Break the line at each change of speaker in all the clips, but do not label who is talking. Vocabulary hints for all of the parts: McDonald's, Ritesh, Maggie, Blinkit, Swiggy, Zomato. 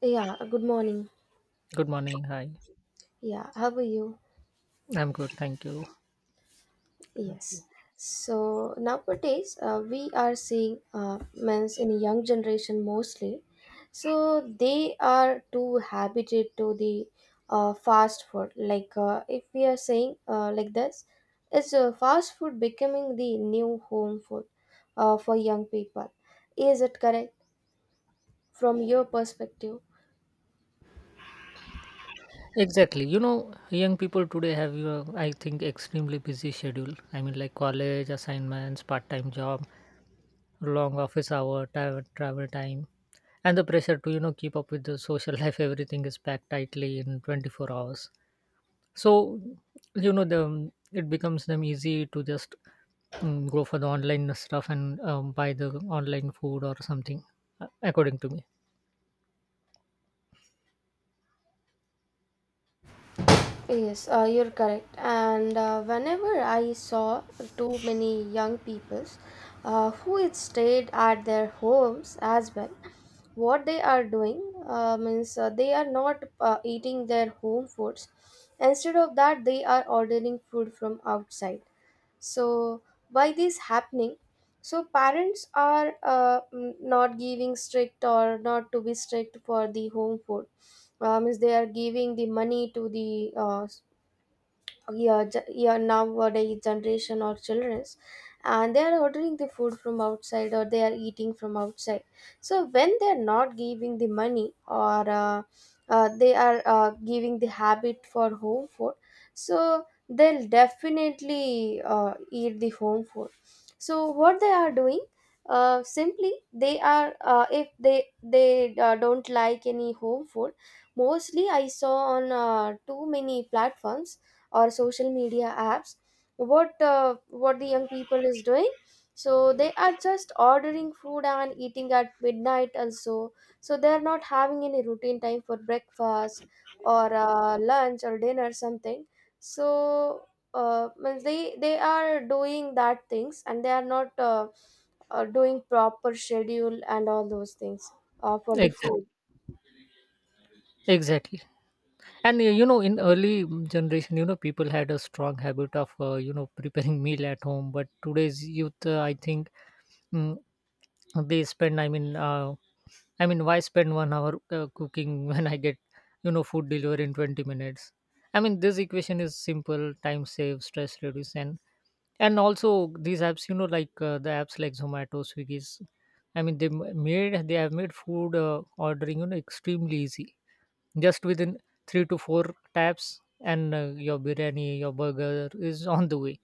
Yeah, good morning.
Good morning. Hi.
Yeah, how are you?
I'm good. Thank you. What about you?
Yes. So nowadays, we are seeing men's in young generation mostly. So they are too habituated to the fast food. Like if we are saying like this, is fast food becoming the new home food for young people? Is it correct from your perspective?
Exactly. Young people today have, extremely busy schedule. I mean, like college assignments, part-time job, long office hour, travel time, and the pressure to, keep up with the social life. Everything is packed tightly in 24 hours. So, the it becomes them easy to just go for the online stuff and buy the online food or something, according to me.
Yes, you're correct. And whenever I saw too many young peoples who it stayed at their homes as well, what they are doing means they are not eating their home foods. Instead of that, they are ordering food from outside. So why this happening? So parents are not giving strict or not to be strict for the home food is they are giving the money to the your nowadays generation or childrens, and they are ordering the food from outside or they are eating from outside. So when they are not giving the money or they are giving the habit for home food, so they'll definitely eat the home food. So what they are doing simply they are if they don't like any home food, mostly I saw on too many platforms or social media apps. What what the young people is doing, so they are just ordering food and eating at midnight also. So they are not having any routine time for breakfast or lunch or dinner something. So means they are doing that things, and they are not doing proper schedule and all those things for the
Exactly.
food.
Exactly. And in early generation, people had a strong habit of preparing meal at home. But today's youth, mm, they spend. Why spend 1 hour cooking when I get food delivery in 20 minutes? I mean, this equation is simple: time save, stress reduce, and also these apps, like the apps like Zomato, Swiggy's. I mean, they m- made they have made food ordering extremely easy just within three to four taps and your biryani your burger is on the way.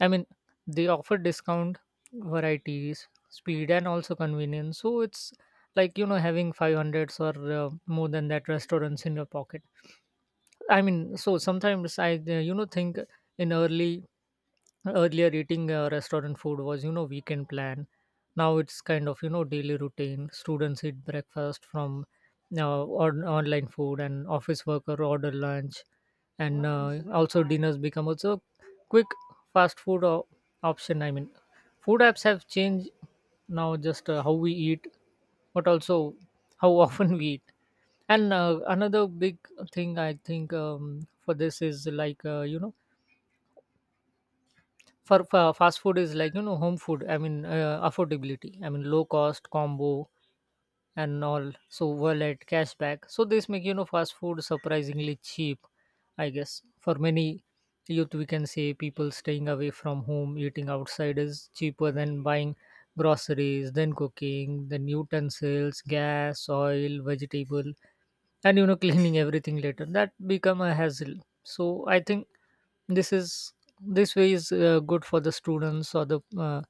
I mean, they offer discount, varieties, speed, and also convenience. So it's like having 500s or more than that restaurants in your pocket. I mean, so sometimes I think in early earlier eating restaurant food was weekend plan. Now it's kind of daily routine. Students eat breakfast from online food and office worker order lunch, and also dinners become also quick fast food o- option. I mean, food apps have changed now just how we eat, but also how often we eat. And another big thing I think, for this is like, you know for fa fast food is like, home food. I mean, affordability. I mean, low cost combo and all. So wallet cashback. So this make fast food surprisingly cheap. I guess for many youth, we can say people staying away from home, eating outside is cheaper than buying groceries, then cooking, then utensils, gas, oil, vegetable, and cleaning everything later, that become a hassle. So I think this is this way is good for the students or the uh,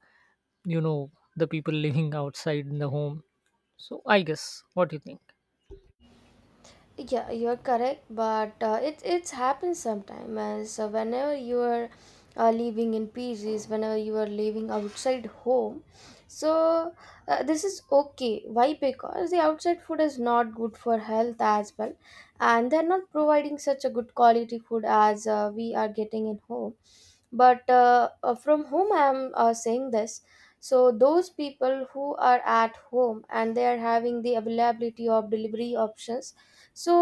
you know the people living outside in the home. So I guess, what do you think?
Yeah, you're correct, but it's happened sometime as whenever you are living in PGs, whenever you are living outside home. So this is okay. Why? Because the outside food is not good for health as well, and they're not providing such a good quality food as we are getting in home. But from whom I am saying this, so those people who are at home and they are having the availability of delivery options, so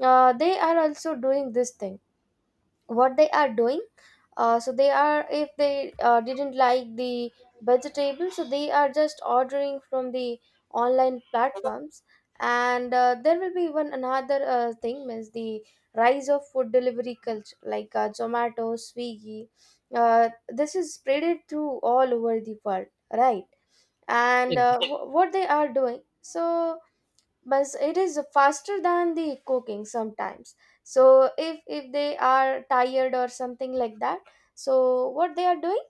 they are also doing this thing. What they are doing so they are, if they didn't like the vegetable, so they are just ordering from the online platforms. And there will be one another thing, means the rise of food delivery culture like Zomato, Swiggy. This is spreaded through all over the world, right? And
Ex-
what they are doing, so but it is faster than the cooking sometimes. So if they are tired or something like that, so what they are doing,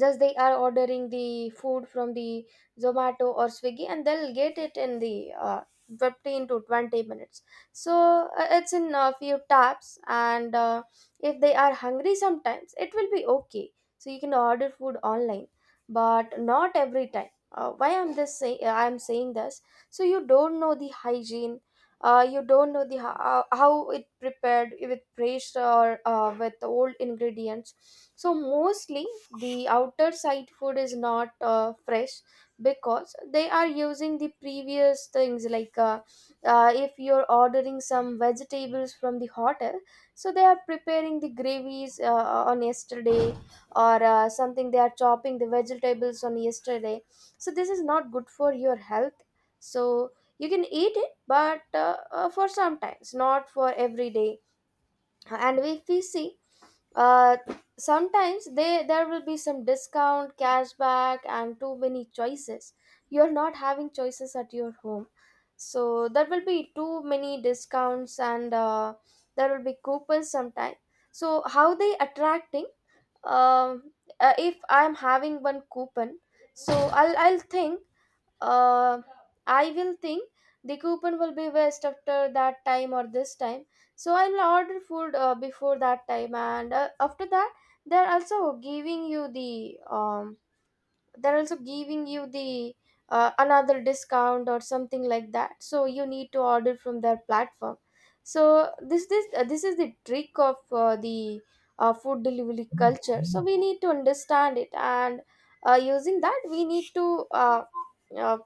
just they are ordering the food from the Zomato or Swiggy, and they'll get it in the 15 to 20 minutes. So it's in a few taps. And if they are hungry sometimes, it will be okay. So you can order food online, but not every time. Why I'm this say I'm saying this. So you don't know the hygiene. You don't know the how it prepared with fresh or with old ingredients. So mostly the outer side food is not fresh, because they are using the previous things like if you're ordering some vegetables from the hotel, so they are preparing the gravies on yesterday, or something they are chopping the vegetables on yesterday. So this is not good for your health. So you can eat it, but for sometimes, not for every day. And if we see uh, sometimes they, there will be some discount, cashback, and too many choices. You're not having choices at your home. So there will be too many discounts, and there will be coupons sometime. So how they attracting? um, if I'm having one coupon, so i'll i'll think uh, I will think the coupon will be waste after that time or this time. So I'll order food before that time. And after that, they're also giving you the um they're also giving you the another discount or something like that. So you need to order from their platform. So this is the trick of the food delivery culture. So we need to understand it, and using that we need to. Uh,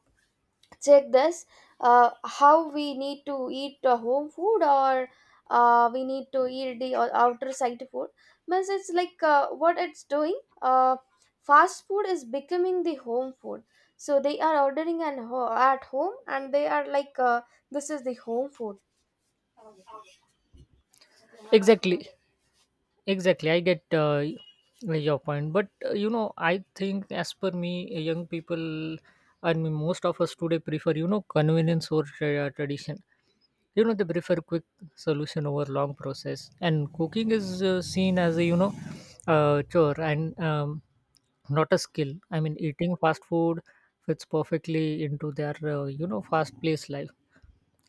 Check this how we need to eat home food, or we need to eat the outer side food. Means it's like what it's doing fast food is becoming the home food. So they are ordering and at home, and they are like this is the home food.
exactly. Exactly, I get your point, but I think as per me, young people, I mean, most of us today prefer convenience over tradition. You know, they prefer quick solution over long process, and cooking is seen as a chore and not a skill. I mean, eating fast food fits perfectly into their fast paced life,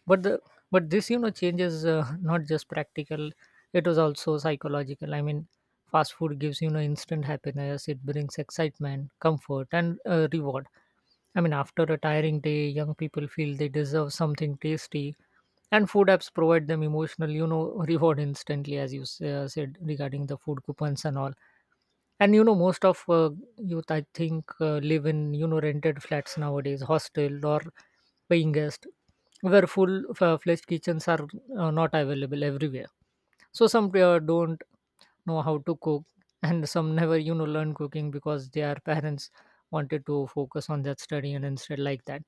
but the but this changes not just practical, it was also psychological. I mean, fast food gives instant happiness. It brings excitement, comfort, and reward. I mean, after a tiring day, young people feel they deserve something tasty, and food apps provide them emotional reward instantly, as you said regarding the food coupons and all. And most of youth, I think, live in rented flats nowadays, hostel or paying guest, where full-fledged kitchens are not available everywhere. So some don't know how to cook, and some never learn cooking because their parents wanted to focus on that study and instead like that.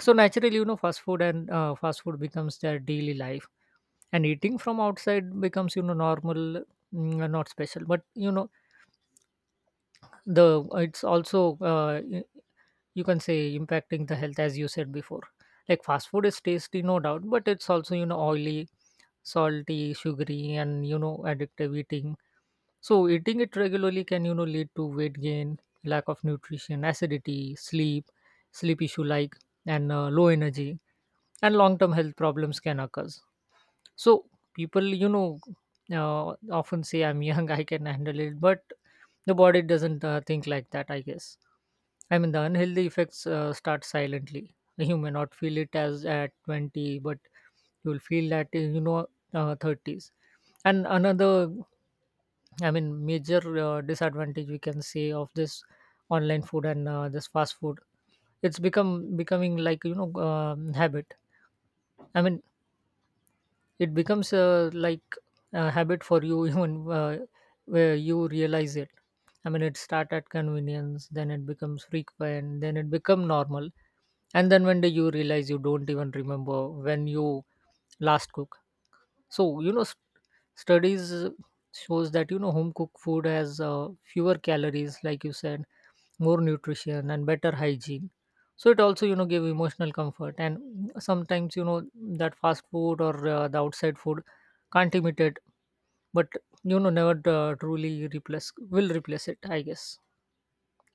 So naturally, fast food becomes their daily life, and eating from outside becomes normal, not special. But you know the it's also you can say impacting the health, as you said before. Like, fast food is tasty, no doubt, but it's also oily, salty, sugary, and addictive eating. So eating it regularly can lead to weight gain, lack of nutrition, acidity, sleep issue like, and low energy, and long term health problems can occur. So people, often say, I'm young, I can handle it, but the body doesn't think like that, I guess. I mean, the unhealthy effects start silently. You may not feel it as at 20, but you will feel that in, 30s. And another, I mean, major disadvantage we can say of this online food and this fast food, it's become becoming like habit. I mean, it becomes like a habit for you even where you realize it. I mean, it start at convenience, then it becomes frequent, then it become normal, and then one day you realize you don't even remember when you last cook. So studies shows that home cooked food has fewer calories, like you said, more nutrition and better hygiene. So it also give emotional comfort. And sometimes that fast food or the outside food can't imitate, but never truly replace will replace it, I guess.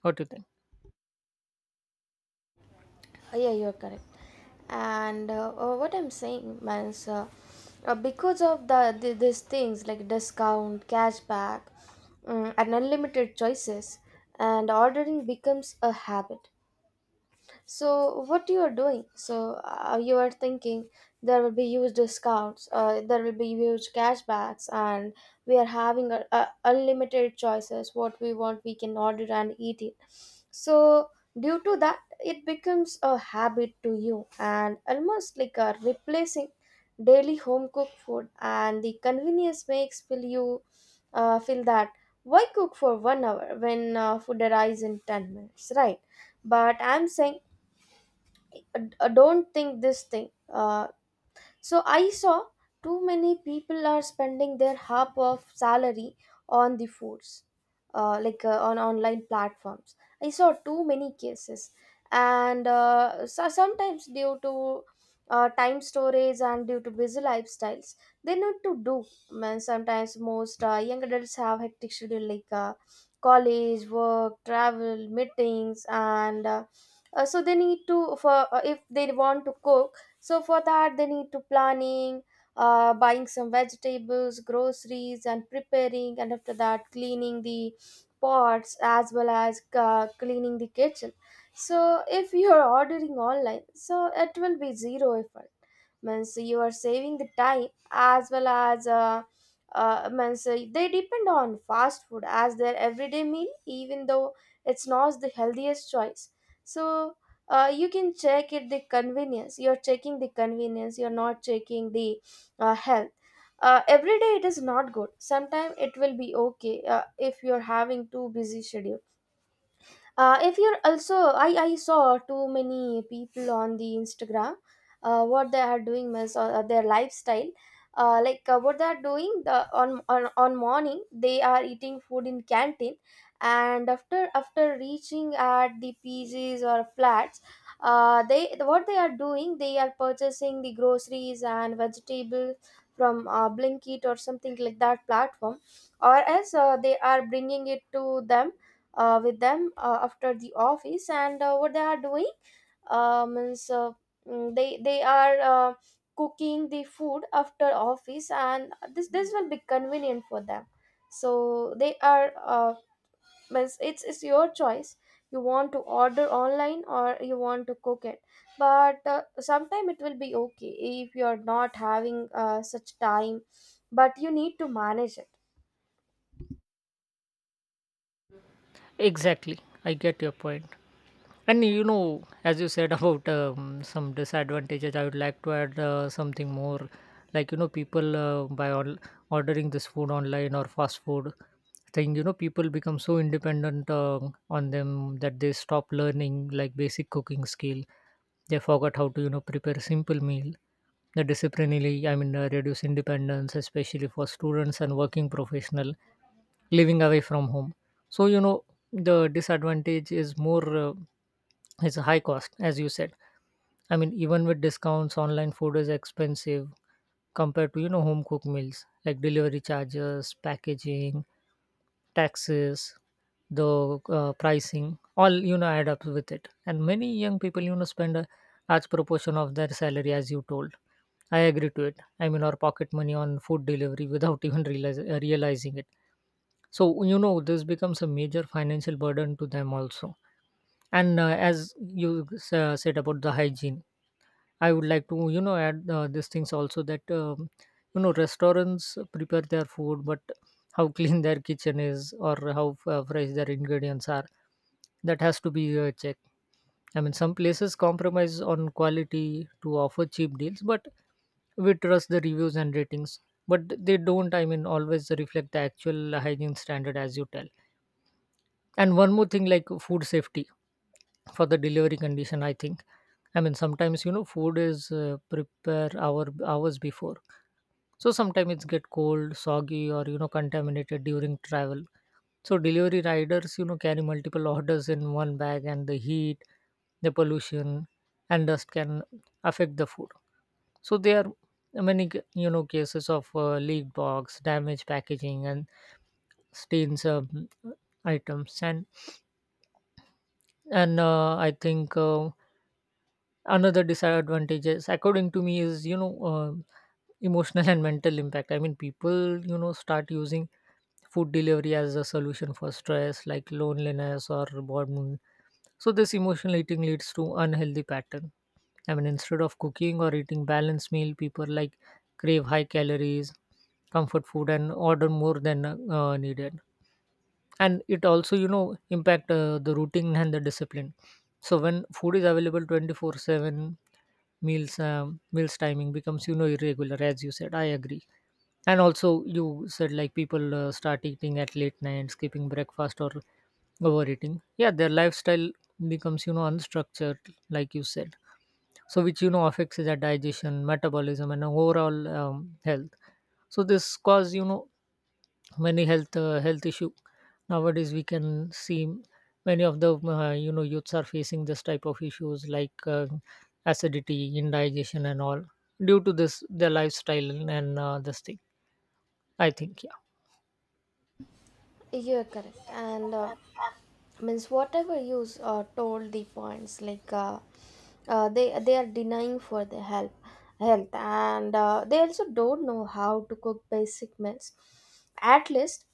What do you think?
Yeah, you're correct. And what I'm saying, means because of the these things like discount, cashback, and unlimited choices, and ordering becomes a habit. So what you are doing? So you are thinking there will be huge discounts, there will be huge cashbacks, and we are having unlimited choices. What we want, we can order and eat it. So due to that, it becomes a habit to you, and almost like a replacing daily home cooked food. And the convenience makes feel you feel that why cook for 1 hour when food arrives in 10 minutes, right? But I'm saying don't think this thing. So I saw too many people are spending their half of salary on the foods, like on online platforms. I saw too many cases. And so sometimes due to time storage and due to busy lifestyles, they need to do. Man, sometimes most young adults have hectic schedule like college, work, travel, meetings. And so they need to for if they want to cook, so for that, they need to planning, buying some vegetables, groceries, and preparing, and after that, cleaning the pots, as well as cleaning the kitchen. So if you are ordering online, so it will be zero effort, means you are saving the time as well as means they depend on fast food as their everyday meal, even though it's not the healthiest choice. So you're checking the convenience, you're not checking the health. Every day it is not good. Sometimes it will be okay if you're having too busy schedule. If you're also, I saw too many people on the Instagram. What they are doing is their lifestyle. Like what they are doing, the, on morning they are eating food in canteen. And after reaching at the PGs or flats, they, what they are doing, they are purchasing the groceries and vegetables from Blinkit or something like that platform. Or else they are bringing it to them with them after the office. And what they are doing means they are cooking the food after office, and this will be convenient for them. So they are means it's your choice. You want to order online, or you want to cook it. But sometime it will be okay if you are not having such time, but you need to manage it.
Exactly, I get your point. And as you said about some disadvantages, I would like to add something more. Like people ordering this food online or fast food thing, people become so independent on them that they stop learning like basic cooking skill. They forgot how to prepare a simple meal. The disciplinarily, I mean, reduce independence, especially for students and working professional living away from home. So the disadvantage is more is a high cost, as you said. I mean, even with discounts, online food is expensive compared to home cooked meals like delivery charges, packaging, taxes, the pricing, all add up with it. And many young people spend a large proportion of their salary, as you told. I agree to it. I mean, or pocket money on food delivery without realizing it. So, this becomes a major financial burden to them also. And as you said about the hygiene, I would like to, add these things also that, restaurants prepare their food, but how clean their kitchen is or how fresh their ingredients are, that has to be checked. I mean, some places compromise on quality to offer cheap deals, but we trust the reviews and ratings, but they don't, I mean, always reflect the actual hygiene standard, as you tell. And one more thing, like food safety for the delivery condition, I think. I mean, sometimes food is prepare hour hours before, so sometimes it's get cold, soggy, or contaminated during travel. So delivery riders carry multiple orders in one bag, and the heat, the pollution, and dust can affect the food. So there are many cases of leaked box, damaged packaging, and stains items. And I think another disadvantage is, according to me, is emotional and mental impact. I mean, people start using food delivery as a solution for stress like loneliness or boredom. So this emotional eating leads to unhealthy pattern. I mean, instead of cooking or eating balanced meal, people like crave high calories comfort food and order more than needed. And it also impact the routine and the discipline. So when food is available 24/7, meals timing becomes irregular, as you said, I agree. And also, you said like people start eating at late night, skipping breakfast, or overeating. Yeah, their lifestyle becomes unstructured, like you said. So which affects their digestion, metabolism, and overall health. So this cause many health issue nowadays we can see. Many of the youths are facing this type of issues like acidity, indigestion, and all due to this their lifestyle and this thing, I think, yeah,
You're correct. And means whatever you told the points like they are denying for the help health. And they also don't know how to cook basic meals. At least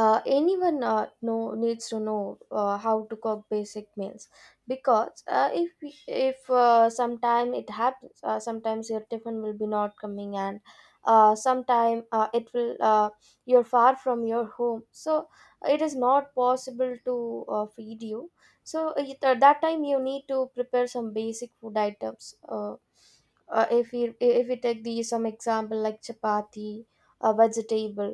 anyone know needs to know how to cook basic meals. Because if sometime it happens, sometimes your tiffin will be not coming. And sometime it will you're far from your home, so it is not possible to feed you. So at that time you need to prepare some basic food items. If we take the some example like chapati, a vegetable.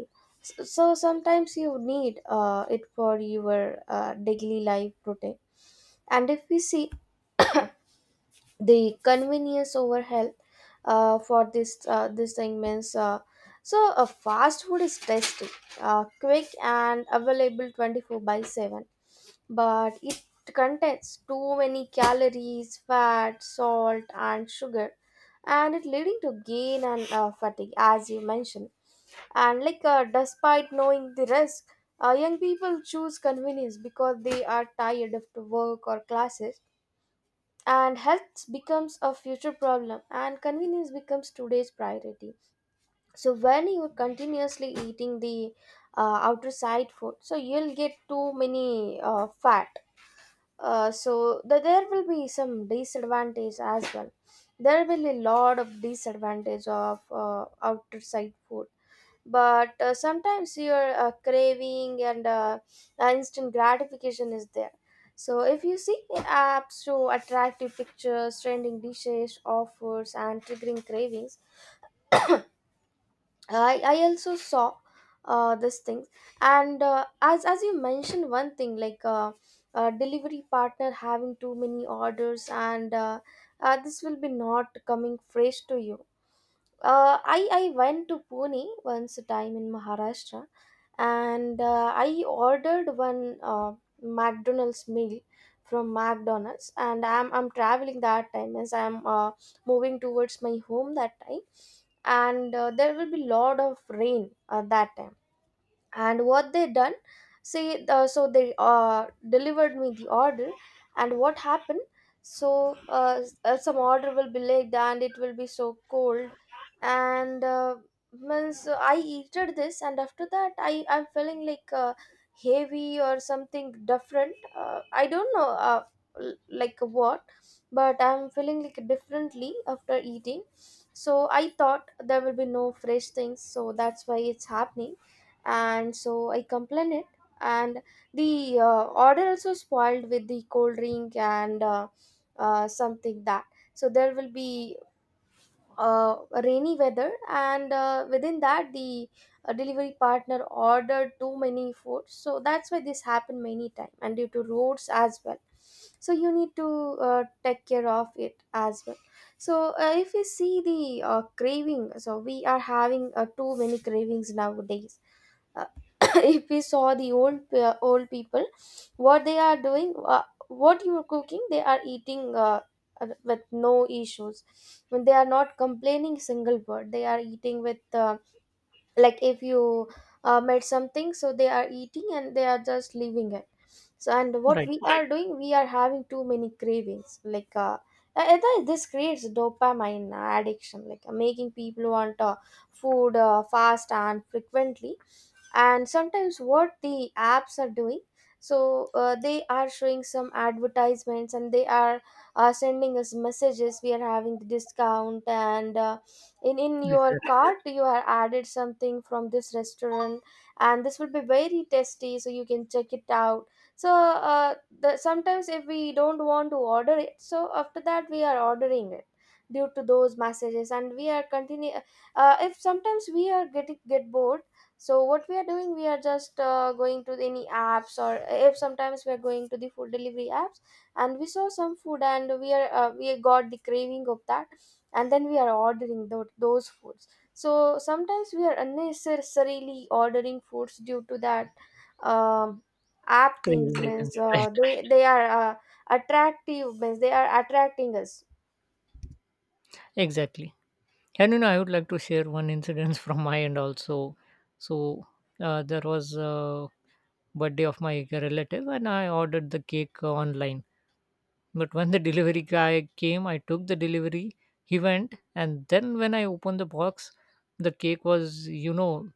So sometimes you need it for your daily life routine. And if we see the convenience over health for this this thing means so fast food is tasty, quick, and available 24/7, but it contains too many calories, fat, salt, and sugar, and it leading to gain and fatigue, as you mentioned. And like, despite knowing the risk, young people choose convenience because they are tired of the work or classes, and health becomes a future problem, and convenience becomes today's priority. So when you're continuously eating the outer side food, so you'll get too many fat there will be some disadvantage as well. There will be a lot of disadvantage of outside food, but sometimes your craving and instant gratification is there. So if you see, apps show attractive pictures, trending dishes, offers, and triggering cravings. I also saw this thing. And as you mentioned one thing, like delivery partner having too many orders, and this will be not coming fresh to you. I went to Pune once a time, in Maharashtra, and I ordered one McDonald's meal from McDonald's, and I'm traveling that time, as I'm moving towards my home that time. And there will be lot of rain at that time. And what they done, see, so they delivered me the order. And what happened, so some order will be late and it will be so cold. And Means I eated this, and after that I'm feeling like heavy or something different. I don't know, like what. But I'm feeling like differently after eating. So I thought there will be no fresh things, so that's why it's happening. And so I complained it. And the order also spoiled with the cold drink and something that. So there will be uh, rainy weather, and within that the delivery partner ordered too many food, so that's why this happened many time, and due to roads as well. So you need to take care of it as well. So if we see the craving, so we are having too many cravings nowadays. uh, if we saw the old people, what they are doing, what you are cooking they are eating, with no issues. When they are not complaining single word, they are eating with like if you made something, so they are eating and they are just leaving it. So and what
right,
we Right. are doing, we are having too many cravings, like I think this creates dopamine addiction, like making people want food fast and frequently. And sometimes what the apps are doing, so they are showing some advertisements and they are sending us messages: we are having the discount, and in your
exactly.
cart you have added something from this restaurant and this will be very tasty, so you can check it out. So sometimes if we don't want to order it, so after that we are ordering it due to those messages. And we are continue, if sometimes we are getting get bored, so what we are doing, we are just going to any apps. Or if sometimes we are going to the food delivery apps and we saw some food, and we are we got the craving of that, and then we are ordering those foods. So sometimes we are unnecessarily ordering foods due to that. um, App things,
Craving, you can
means
say,
uh,
right,
they they are attractive, means they are attracting us.
exactly. And I would like to share one incident from my end also. So there was a birthday of my relative, and I ordered the cake online. But when the delivery guy came, I took the delivery. He went, and then when I opened the box, the cake was,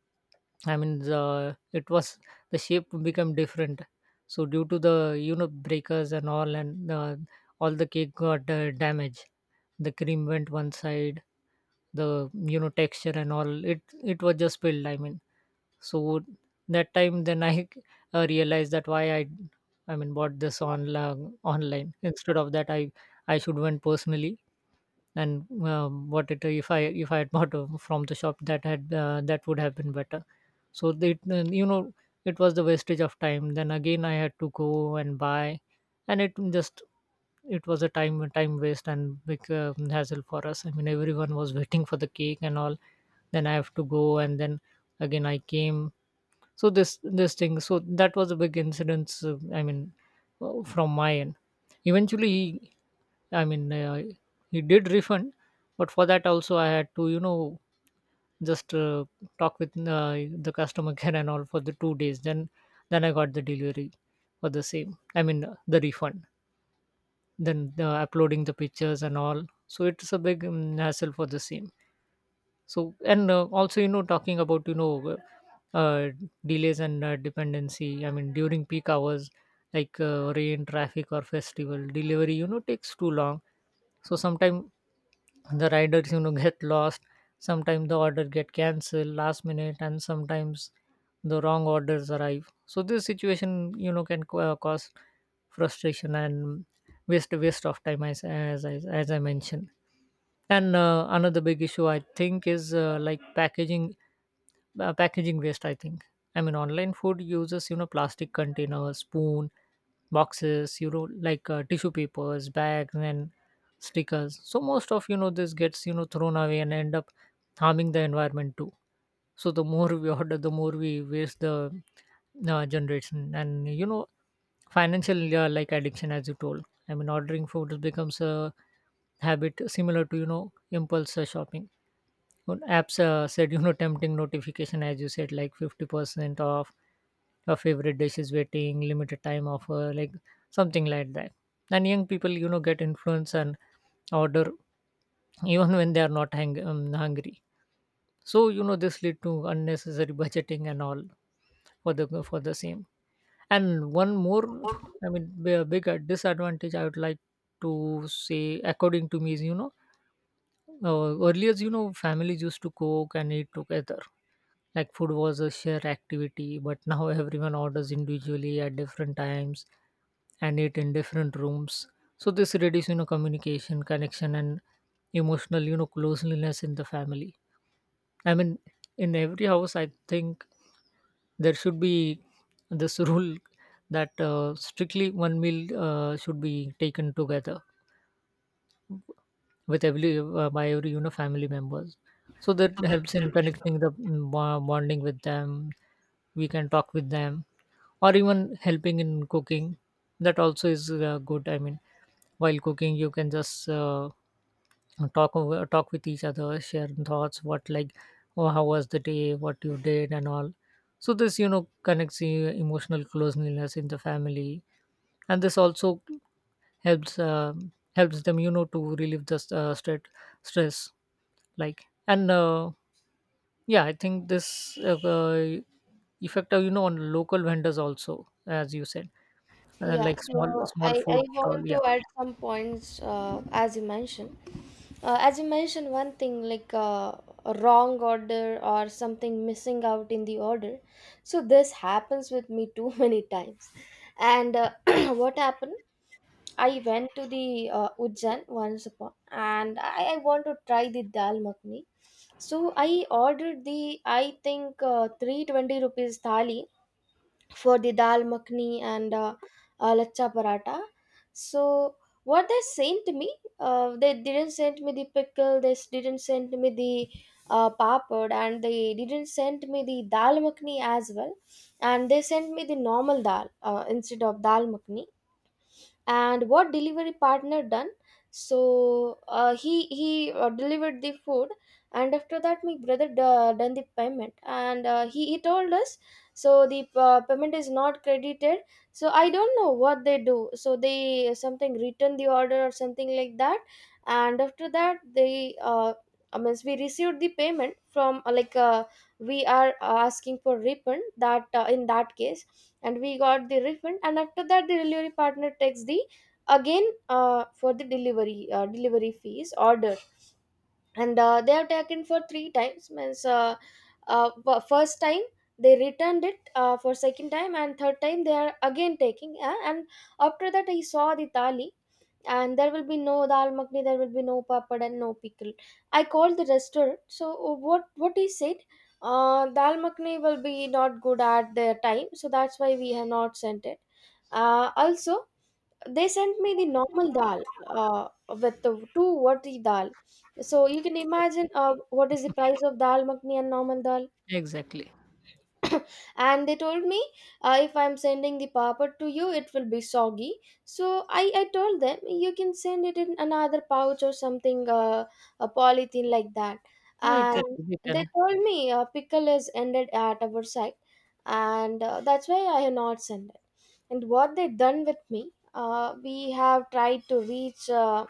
I mean, the it was the shape become different. So due to the breakers and all the cake got damaged. The cream went one side. The texture and all it was just spilled. So that time then I realized that why I mean bought this on online online instead of that I should went personally. And what it If I had bought from the shop, that would have been better. So they then, you know it was the wastage of time. Then again, I had to go and buy, and it just it was a time waste and big hassle for us. I mean, everyone was waiting for the cake and all. Then I have to go, and then again I came. So this thing, so that was a big incident, I mean, from my end. Eventually he, i mean uh, he did refund, but for that also I had to, you know just talk with, uh, the customer care and all for the 2 days. Then I got the delivery for the same, I mean, the refund, then uploading the pictures and all. So it's a big hassle for the same. So and uh, also, you know, talking about, uh, uh, delays and dependency. I mean, during peak hours, like rain, traffic, or festival, delivery, you know, takes too long. So sometimes the riders, you know, get lost. Sometimes the order get cancelled last minute, and sometimes the wrong orders arrive. So this situation, you know, can cause frustration and waste of time, as as I mentioned. And another big issue, I think, is like packaging waste. I think, I mean, online food uses, you know, plastic containers, spoon, boxes, you know, like tissue papers, bags, and stickers. So most of, you know, this gets, you know, thrown away and end up harming the environment too. So the more we order, the more we waste, the generation, and, you know, financial, like addiction, as you told. I mean, ordering food becomes a habit similar to, you know, impulse shopping. When apps said, you know, tempting notification, as you said, like 50% off your favorite dish is waiting, limited time offer, like something like that. And young people, you know, get influence and order even when they are not hungry. So, you know, this lead to unnecessary budgeting and all, for the same. And one more, I mean, bigger disadvantage I would like to say, according to me, is, you know, earlier, you know, families used to cook and eat together, like food was a shared activity. But now everyone orders individually at different times and eat in different rooms. So this reduces, you know, communication, connection, and emotional, you know, closeness in the family. I mean, in every house, I think, there should be this rule that strictly one meal should be taken together with every by every, you know, family members. So that helps in connecting the bonding with them. We can talk with them, or even helping in cooking. That also is good. I mean, while cooking, you can just talk with each other, share thoughts, what like, oh, how was the day, what you did, and all. So this, you know, connects the emotional closeness in the family. And this also helps, helps them, you know, to relieve the stress. Like and Yeah, I think this effect, you know, on local vendors also, as you said,
Yeah,
like
so
small small
I
food
want
stall,
to
yeah.
add some points. As you mentioned, as you mentioned one thing, like a wrong order or something missing out in the order. So this happens with me too many times. And what happened, I went to the Ujjain once upon, and I want to try the dal makhni. So I ordered the, I think 320 rupees thali for the dal makhni and lachcha paratha. So what they sent me, they didn't send me the pickle, they didn't send me the papad, and they didn't send me the dal makhni as well. And they sent me the normal dal instead of dal makhni. And what delivery partner done, so he delivered the food. And after that my brother done the payment, and he told us, so the payment is not credited. So I don't know what they do, so they something return the order or something like that. And after that they I mean, we received the payment from like we are asking for refund, that in that case. And we got the refund, and after that the delivery partner takes the, again for the delivery delivery fees order. And they have taken for three times, means first time they returned it, for second time, and third time they are again taking and after that I saw the thali, and there will be no dal makhni, there will be no papad and no pickle. I called the restaurant, so what he said, dal makhni will be not good at the time, so that's why we have not sent it. Also they sent me the normal dal, uh, with the two vati dal. So you can imagine what is the price of dal makhni and normal dal.
Exactly.
And they told me, if I'm sending the papad to you, it will be soggy. So I told them, you can send it in another pouch or something, a polythene like that.
Yeah, exactly, we
And they
can.
told me, pickle is ended at our side, and that's why I have not sent it. And what they done with me, we have tried to reach uh,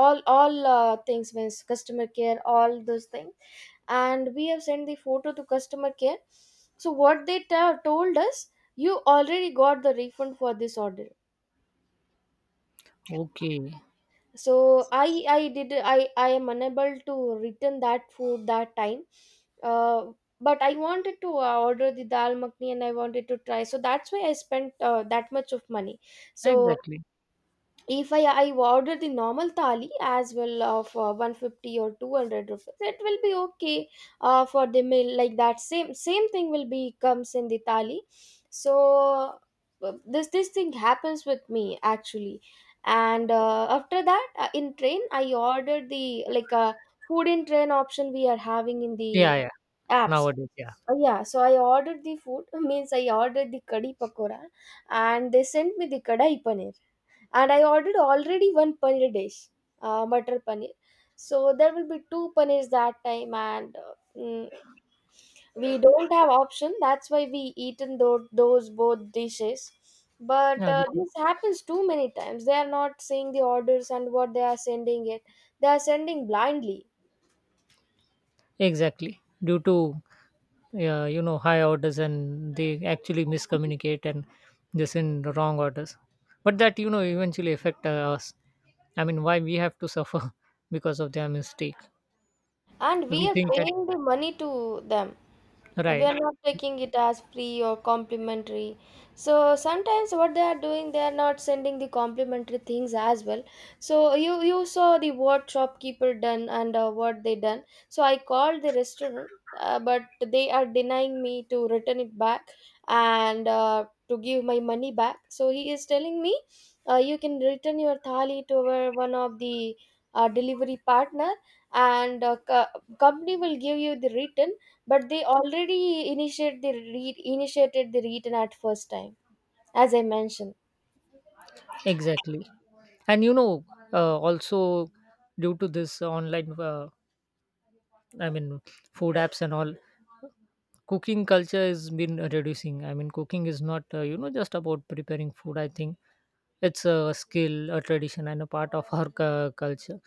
all all uh, things, means customer care, all those things. And we have sent the photo to customer care. So what they told us, you already got the refund for this order.
Okay.
So I did, I am unable to return that food that time. uh, but I wanted to order the dal makhni, and I wanted to try, so that's why I spent that much of money. So
Exactly.
if I order the normal thali as well, of 150 or 200 rupees, it will be okay for the meal, like that same same thing will be comes in the thali. So this thing happens with me actually. And after that, in train I ordered the, like food in train option we are having in
Yeah,
the
yeah.
apps.
Nowadays, yeah.
Yeah, so I ordered the food means I ordered the kadhi pakora, and they sent me the kadai paneer. And I ordered already one paneer dish, butter paneer. So there will be two paneers that time, and we don't have option. That's why we eaten those both dishes. But
Yeah, because,
this happens too many times. They are not seeing the orders and what they are sending it. They are sending blindly.
exactly, due to you know, high orders, and they actually miscommunicate and they send the wrong orders. But that, you know, eventually affect us. I mean, why we have to suffer because of their mistake?
And we
We
are
think that.
paying the money to them. We
Right.
are not taking it as free or complimentary. So sometimes what they are doing, they are not sending the complimentary things as well. So you saw the what shopkeeper done and what they done. So I called the restaurant, but they are denying me to return it back, and to give my money back. So he is telling me, you can return your thali to one of the delivery partner, and company will give you the written. But they already initiated the written at first time, as I mentioned.
Exactly. And, you know, also, due to this online, i mean food apps and all, cooking culture has been reducing. I mean, cooking is not, you know, just about preparing food. I think it's a skill, a tradition, and a part of our culture.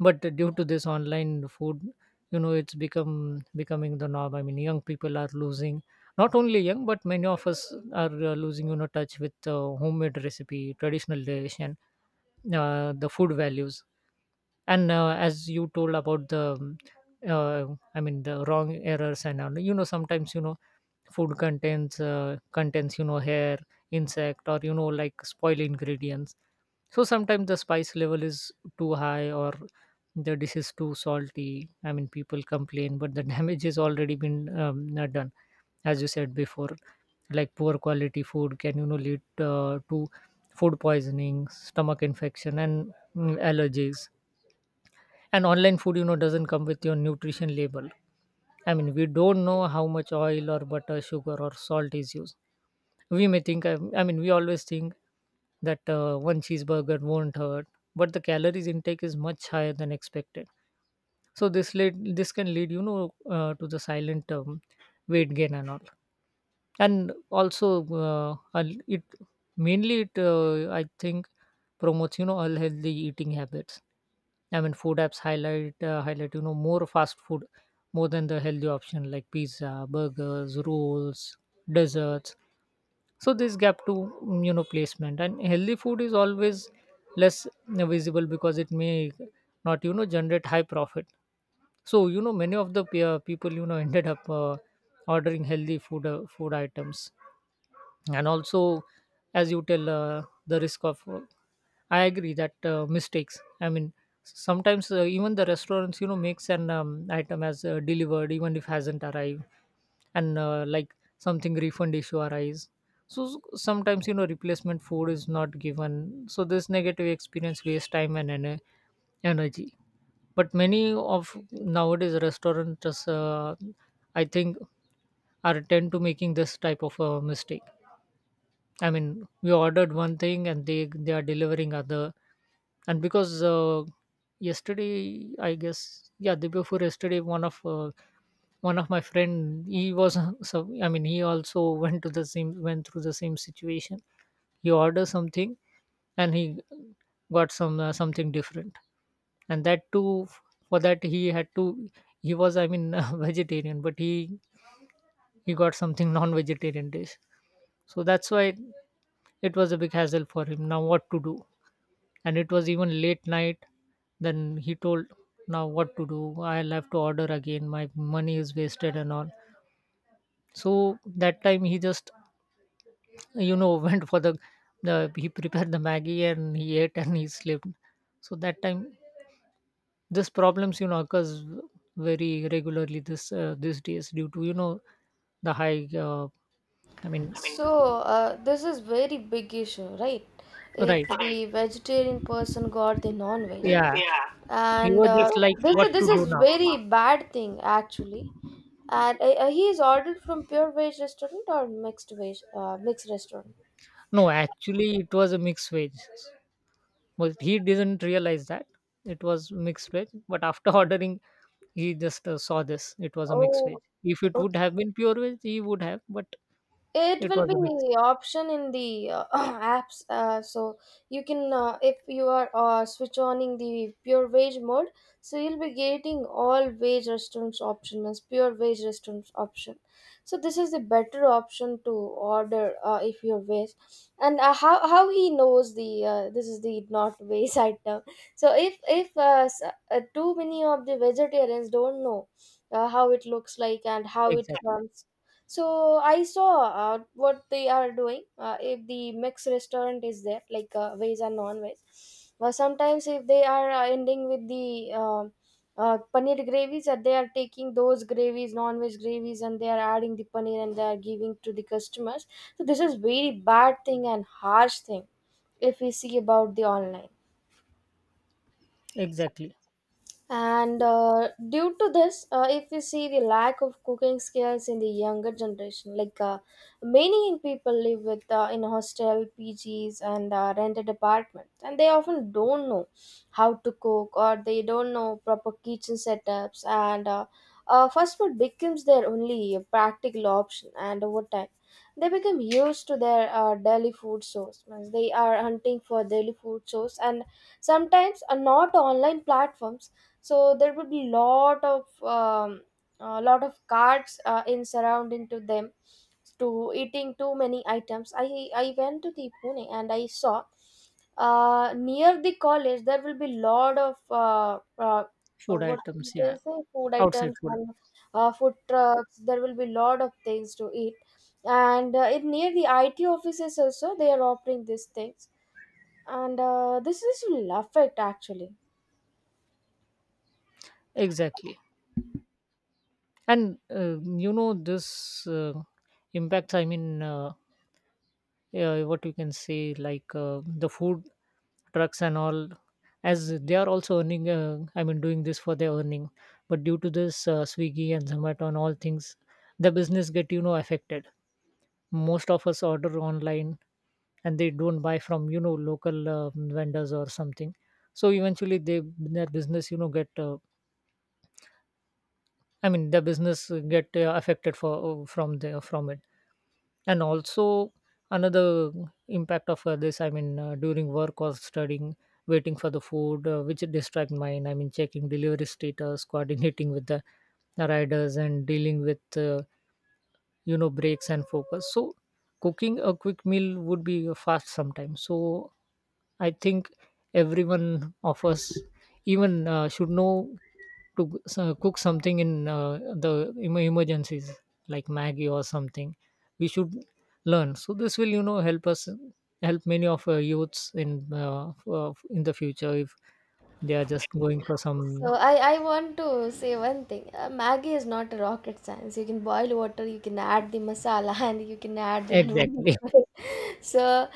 But due to this online food, you know, it's become becoming the norm. I mean, young people are losing. Not only young, but many of us are losing, you know, touch with homemade recipe, traditional dish, and the food values. And as you told about the, uh, I mean, the wrong errors and all. You know, sometimes, you know, food contains contains, you know, hair, insect, or, you know, like spoil ingredients. So sometimes the spice level is too high, or the dish is too salty. I mean, people complain, but the damage has already been done. As you said before, like poor quality food can, you know, lead to food poisoning, stomach infection, and allergies. And online food, you know, doesn't come with your nutrition label. I mean, we don't know how much oil or butter, sugar or salt is used. We may think, I mean, we always think that one cheeseburger won't hurt, but the calories intake is much higher than expected. So this can lead, you know, to the silent weight gain and all. And also, al- it mainly it I think, promotes, you know, unhealthy eating habits. I mean, food apps highlight, you know, more fast food more than the healthy option, like pizza, burgers, rolls, desserts. So this gap to, you know, placement, and healthy food is always less visible, because it may not, you know, generate high profit. So, you know, many of the people, you know, ended up ordering healthy food food items. And also, as you tell, the risk of, I agree that mistakes, I mean, sometimes, even the restaurants, you know, makes an item as delivered, even if hasn't arrived. And like something refund issue arise, so sometimes, you know, replacement food is not given. So this negative experience waste time and energy. But many of nowadays restaurants, I think, are tend to making this type of mistake. I mean, we ordered one thing and they are delivering other. And because yesterday, I guess, yeah, the day before yesterday, one of my friend, he was, so, I mean, he also went to the same went through the same situation. He ordered something, and he got some something different. And that too, for that he had to. He was, I mean, vegetarian, but he got something non-vegetarian dish. So that's why it was a big hassle for him. Now, what to do? And it was even late night. Then he told, now what to do? I'll have to order again. My money is wasted and all. So that time he just, you know, went for the he prepared the Maggie, and he ate, and he slept. So that time, this problems, you know, occurs very regularly this these days, due to, you know, the high, I mean,
So this is very big issue, right, if
right.
the vegetarian person got the non-veg.
Yeah. He
And
was just like, what
this
to
is
do now?
very bad thing actually. And he is ordered from pure veg restaurant or mixed veg mixed restaurant.
No, actually, it was a mixed veg. But he didn't realize that it was mixed veg. But after ordering, he just saw this. It was a mixed
Oh,
veg. If it would have been pure veg, he would have. But
it
it
will
was a mix.
be option in the apps, so you can if you are switch oning the pure veg mode, so you'll be getting all veg restaurants option as pure veg restaurants option. So this is the better option to order if you're veg, and how he knows the this is the not veg item. So if too many of the vegetarians don't know how it looks like and how it
Exactly.
comes. So I saw what they are doing, if the mixed restaurant is there, like veg and non-veg, well, sometimes if they are ending with the paneer gravies, that they are taking those gravies, non-veg gravies, and they are adding the paneer and they are giving to the customers. So this is very bad thing and harsh thing, if we see about the online.
Exactly.
And due to this, if we see the lack of cooking skills in the younger generation, like many young people live with in hostel, PGs, and rented apartments, and they often don't know how to cook, or they don't know proper kitchen setups, and fast food becomes their only practical option. And over time, they become used to their daily food source. Means they are hunting for daily food source, and sometimes are not online platforms, so there will be lot of a lot of cards in surrounding to them to eating too many items. I went to the Pune and I saw near the college there will be lot of
Food
what
items.
you can
Yeah.
say food
Outside
items,
food.
and food trucks, there will be lot of things to eat. And in near the IT offices also they are offering these things, and this is will affect actually.
Exactly. And you know, this impacts. I mean, yeah, what you can say, like the food trucks and all, as they are also earning, I mean, doing this for their earning. But due to this, Swiggy and Zomato and all things, the business get, you know, affected. Most of us order online, and they don't buy from, you know, local vendors or something. So eventually, they their business, you know, get their business get affected for from there from it. And also another impact of this, I mean, during work or studying, waiting for the food, which distract mine. I mean, checking delivery status, coordinating with the riders, and dealing with, you know, breaks and focus. So cooking a quick meal would be a fast sometimes. So I think everyone of us even should know to cook something in the emergencies, like Maggie or something. We should learn, so this will, you know, help us, help many of youths in the future, if they are just going for some.
So I want to say one thing. Maggie is not a rocket science. You can boil water, you can add the masala, and you can add the
Exactly.
noodles. So uh,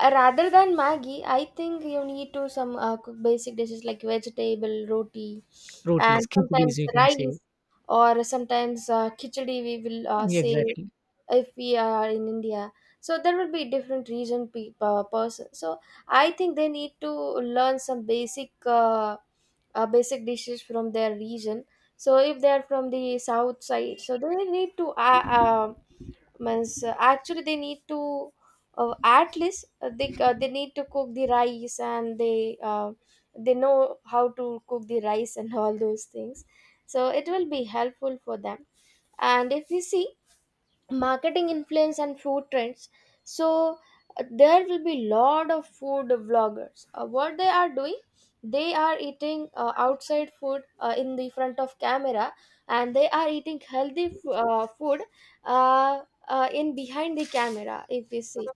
uh, rather than Maggie, I think you need to some cook basic dishes like vegetable, roti,
rotis,
and
khichdis,
sometimes
you can say.
rice, or sometimes khichdi, we will
Yeah,
say.
exactly.
If we are in India, so there will be different person. So I think they need to learn some basic dishes from their region. So if they are from the south side, so they need to means actually they need to, at least they need to cook the rice, and they know how to cook the rice and all those things, so it will be helpful for them. And if we see marketing influence and food trends, so there will be lot of food vloggers, what they are doing, they are eating outside food in the front of camera, and they are eating healthy food. uh, in behind the camera if we see,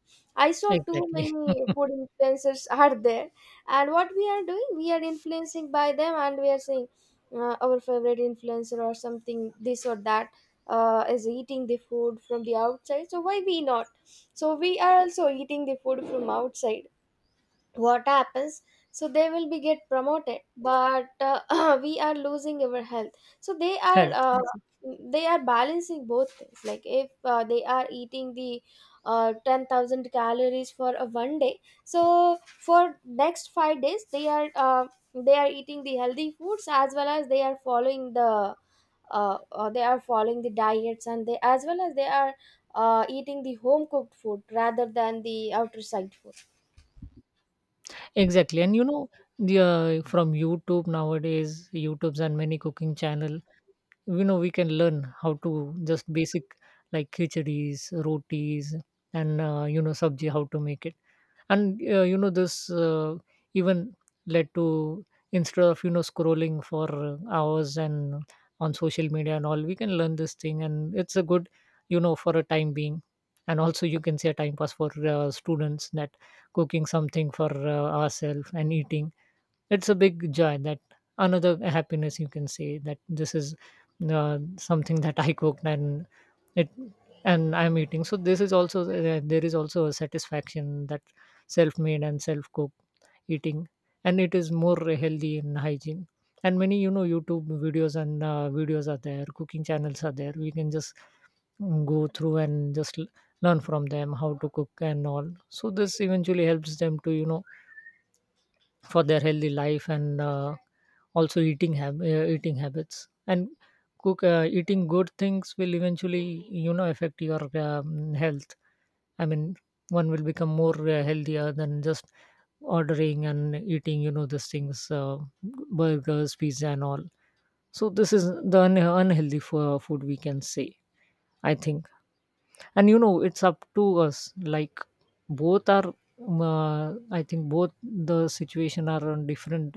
I saw too
Exactly.
many food influencers are there. And what we are doing, we are influencing by them, and we are saying our favorite influencer or something this or that is eating the food from the outside, so why we not, so we are also eating the food from outside. What happens, so they will be get promoted, but we are losing our health. So
health, exactly.
they are balancing both things. Like if they are eating the 10,000 calories for a one day, so for next 5 days they are eating the healthy foods, as well as they are following the they are following the diets, and they as well as they are eating the home cooked food rather than the outer side food.
Exactly. And, you know, the from YouTube nowadays, YouTube's and many cooking channel, you know, we can learn how to just basic, like khichadis, rotis, and, you know, sabji, how to make it. And, you know, this even led to, instead of, you know, scrolling for hours and on social media and all, we can learn this thing, and it's a good, you know, for a time being. And also, you can say a time pass for students, that cooking something for ourselves and eating, it's a big joy. That another happiness, you can say, that this is something that I cooked, and it and I'm eating. So this is also, there is also a satisfaction, that self-made and self-cooked eating, and it is more healthy in hygiene. And many, you know, YouTube videos and, videos are there, cooking channels are there, we can just go through and just learn from them how to cook and all. So this eventually helps them to, you know, for their healthy life, and, also eating eating habits, and cook eating good things will eventually, you know, affect your health. I mean, one will become more healthier than just ordering and eating, you know, these things, burgers, pizza, and all. So this is the unhealthy food, we can say, I think. And, you know, it's up to us. Like, both are, I think both the situation are on different,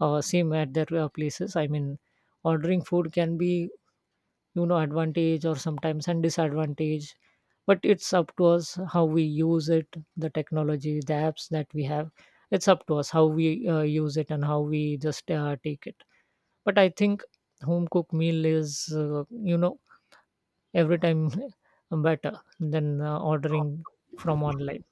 same at their places. I mean, ordering food can be, you know, advantage or sometimes and disadvantage. But it's up to us how we use it, the technology, the apps that we have. It's up to us how we use it and how we just take it. But I think home cooked meal is, you know, every time better than ordering from online.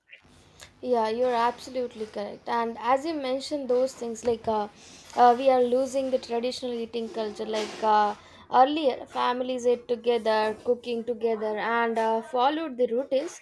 Yeah, you're absolutely correct. And as you mentioned, those things like we are losing the traditional eating culture. Like earlier, families ate together, cooking together, and followed the routines.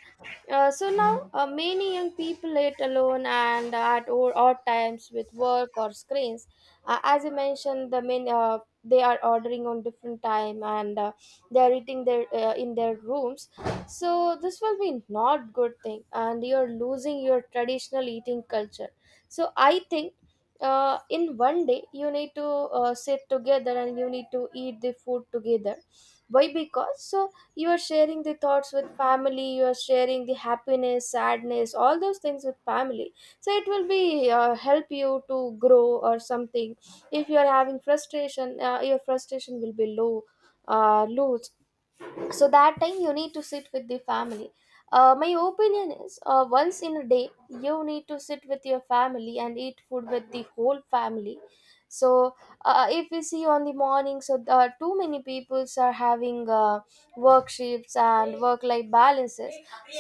So now, many young people ate alone and at odd times with work or screens. As you mentioned, the main they are ordering on different time, and they are eating their in their rooms, so this will be not good thing, and you're losing your traditional eating culture. So I think in one day you need to sit together and you need to eat the food together. Why? Because so you are sharing the thoughts with family, you are sharing the happiness, sadness, all those things with family. So it will be help you to grow or something. If you are having frustration, your frustration will be low, so that time you need to sit with the family. My opinion is once in a day you need to sit with your family and eat food with the whole family. So if we see on the morning, so too many peoples are having work shifts and work life balances.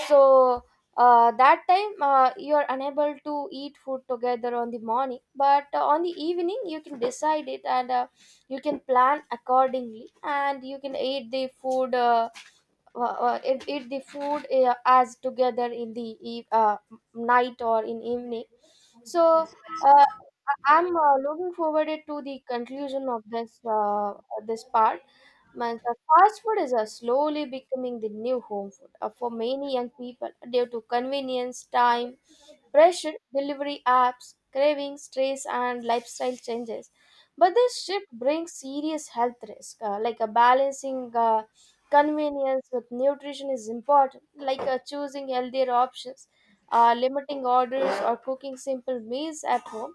So that time you are unable to eat food together on the morning, but on the evening you can decide it, and you can plan accordingly and you can eat the food eat the food as together in the night or in evening. So uh, I'm looking forward it to the conclusion of this this part. Means, fast food is slowly becoming the new home food for many young people due to convenience, time pressure, delivery apps, cravings, stress, and lifestyle changes. But this shift brings serious health risk. Like a balancing convenience with nutrition is important, like choosing healthier options, limiting orders, or cooking simple meals at home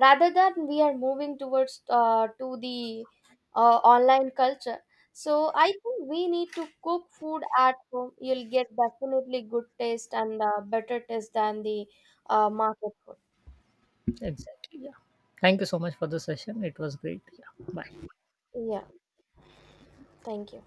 rather than we are moving towards to the online culture. So I think we need to cook food at home, you'll get definitely good taste and better taste than the market food.
Exactly. Yeah. Thank you so much for the session. It was great. Yeah. Bye.
Yeah, thank you.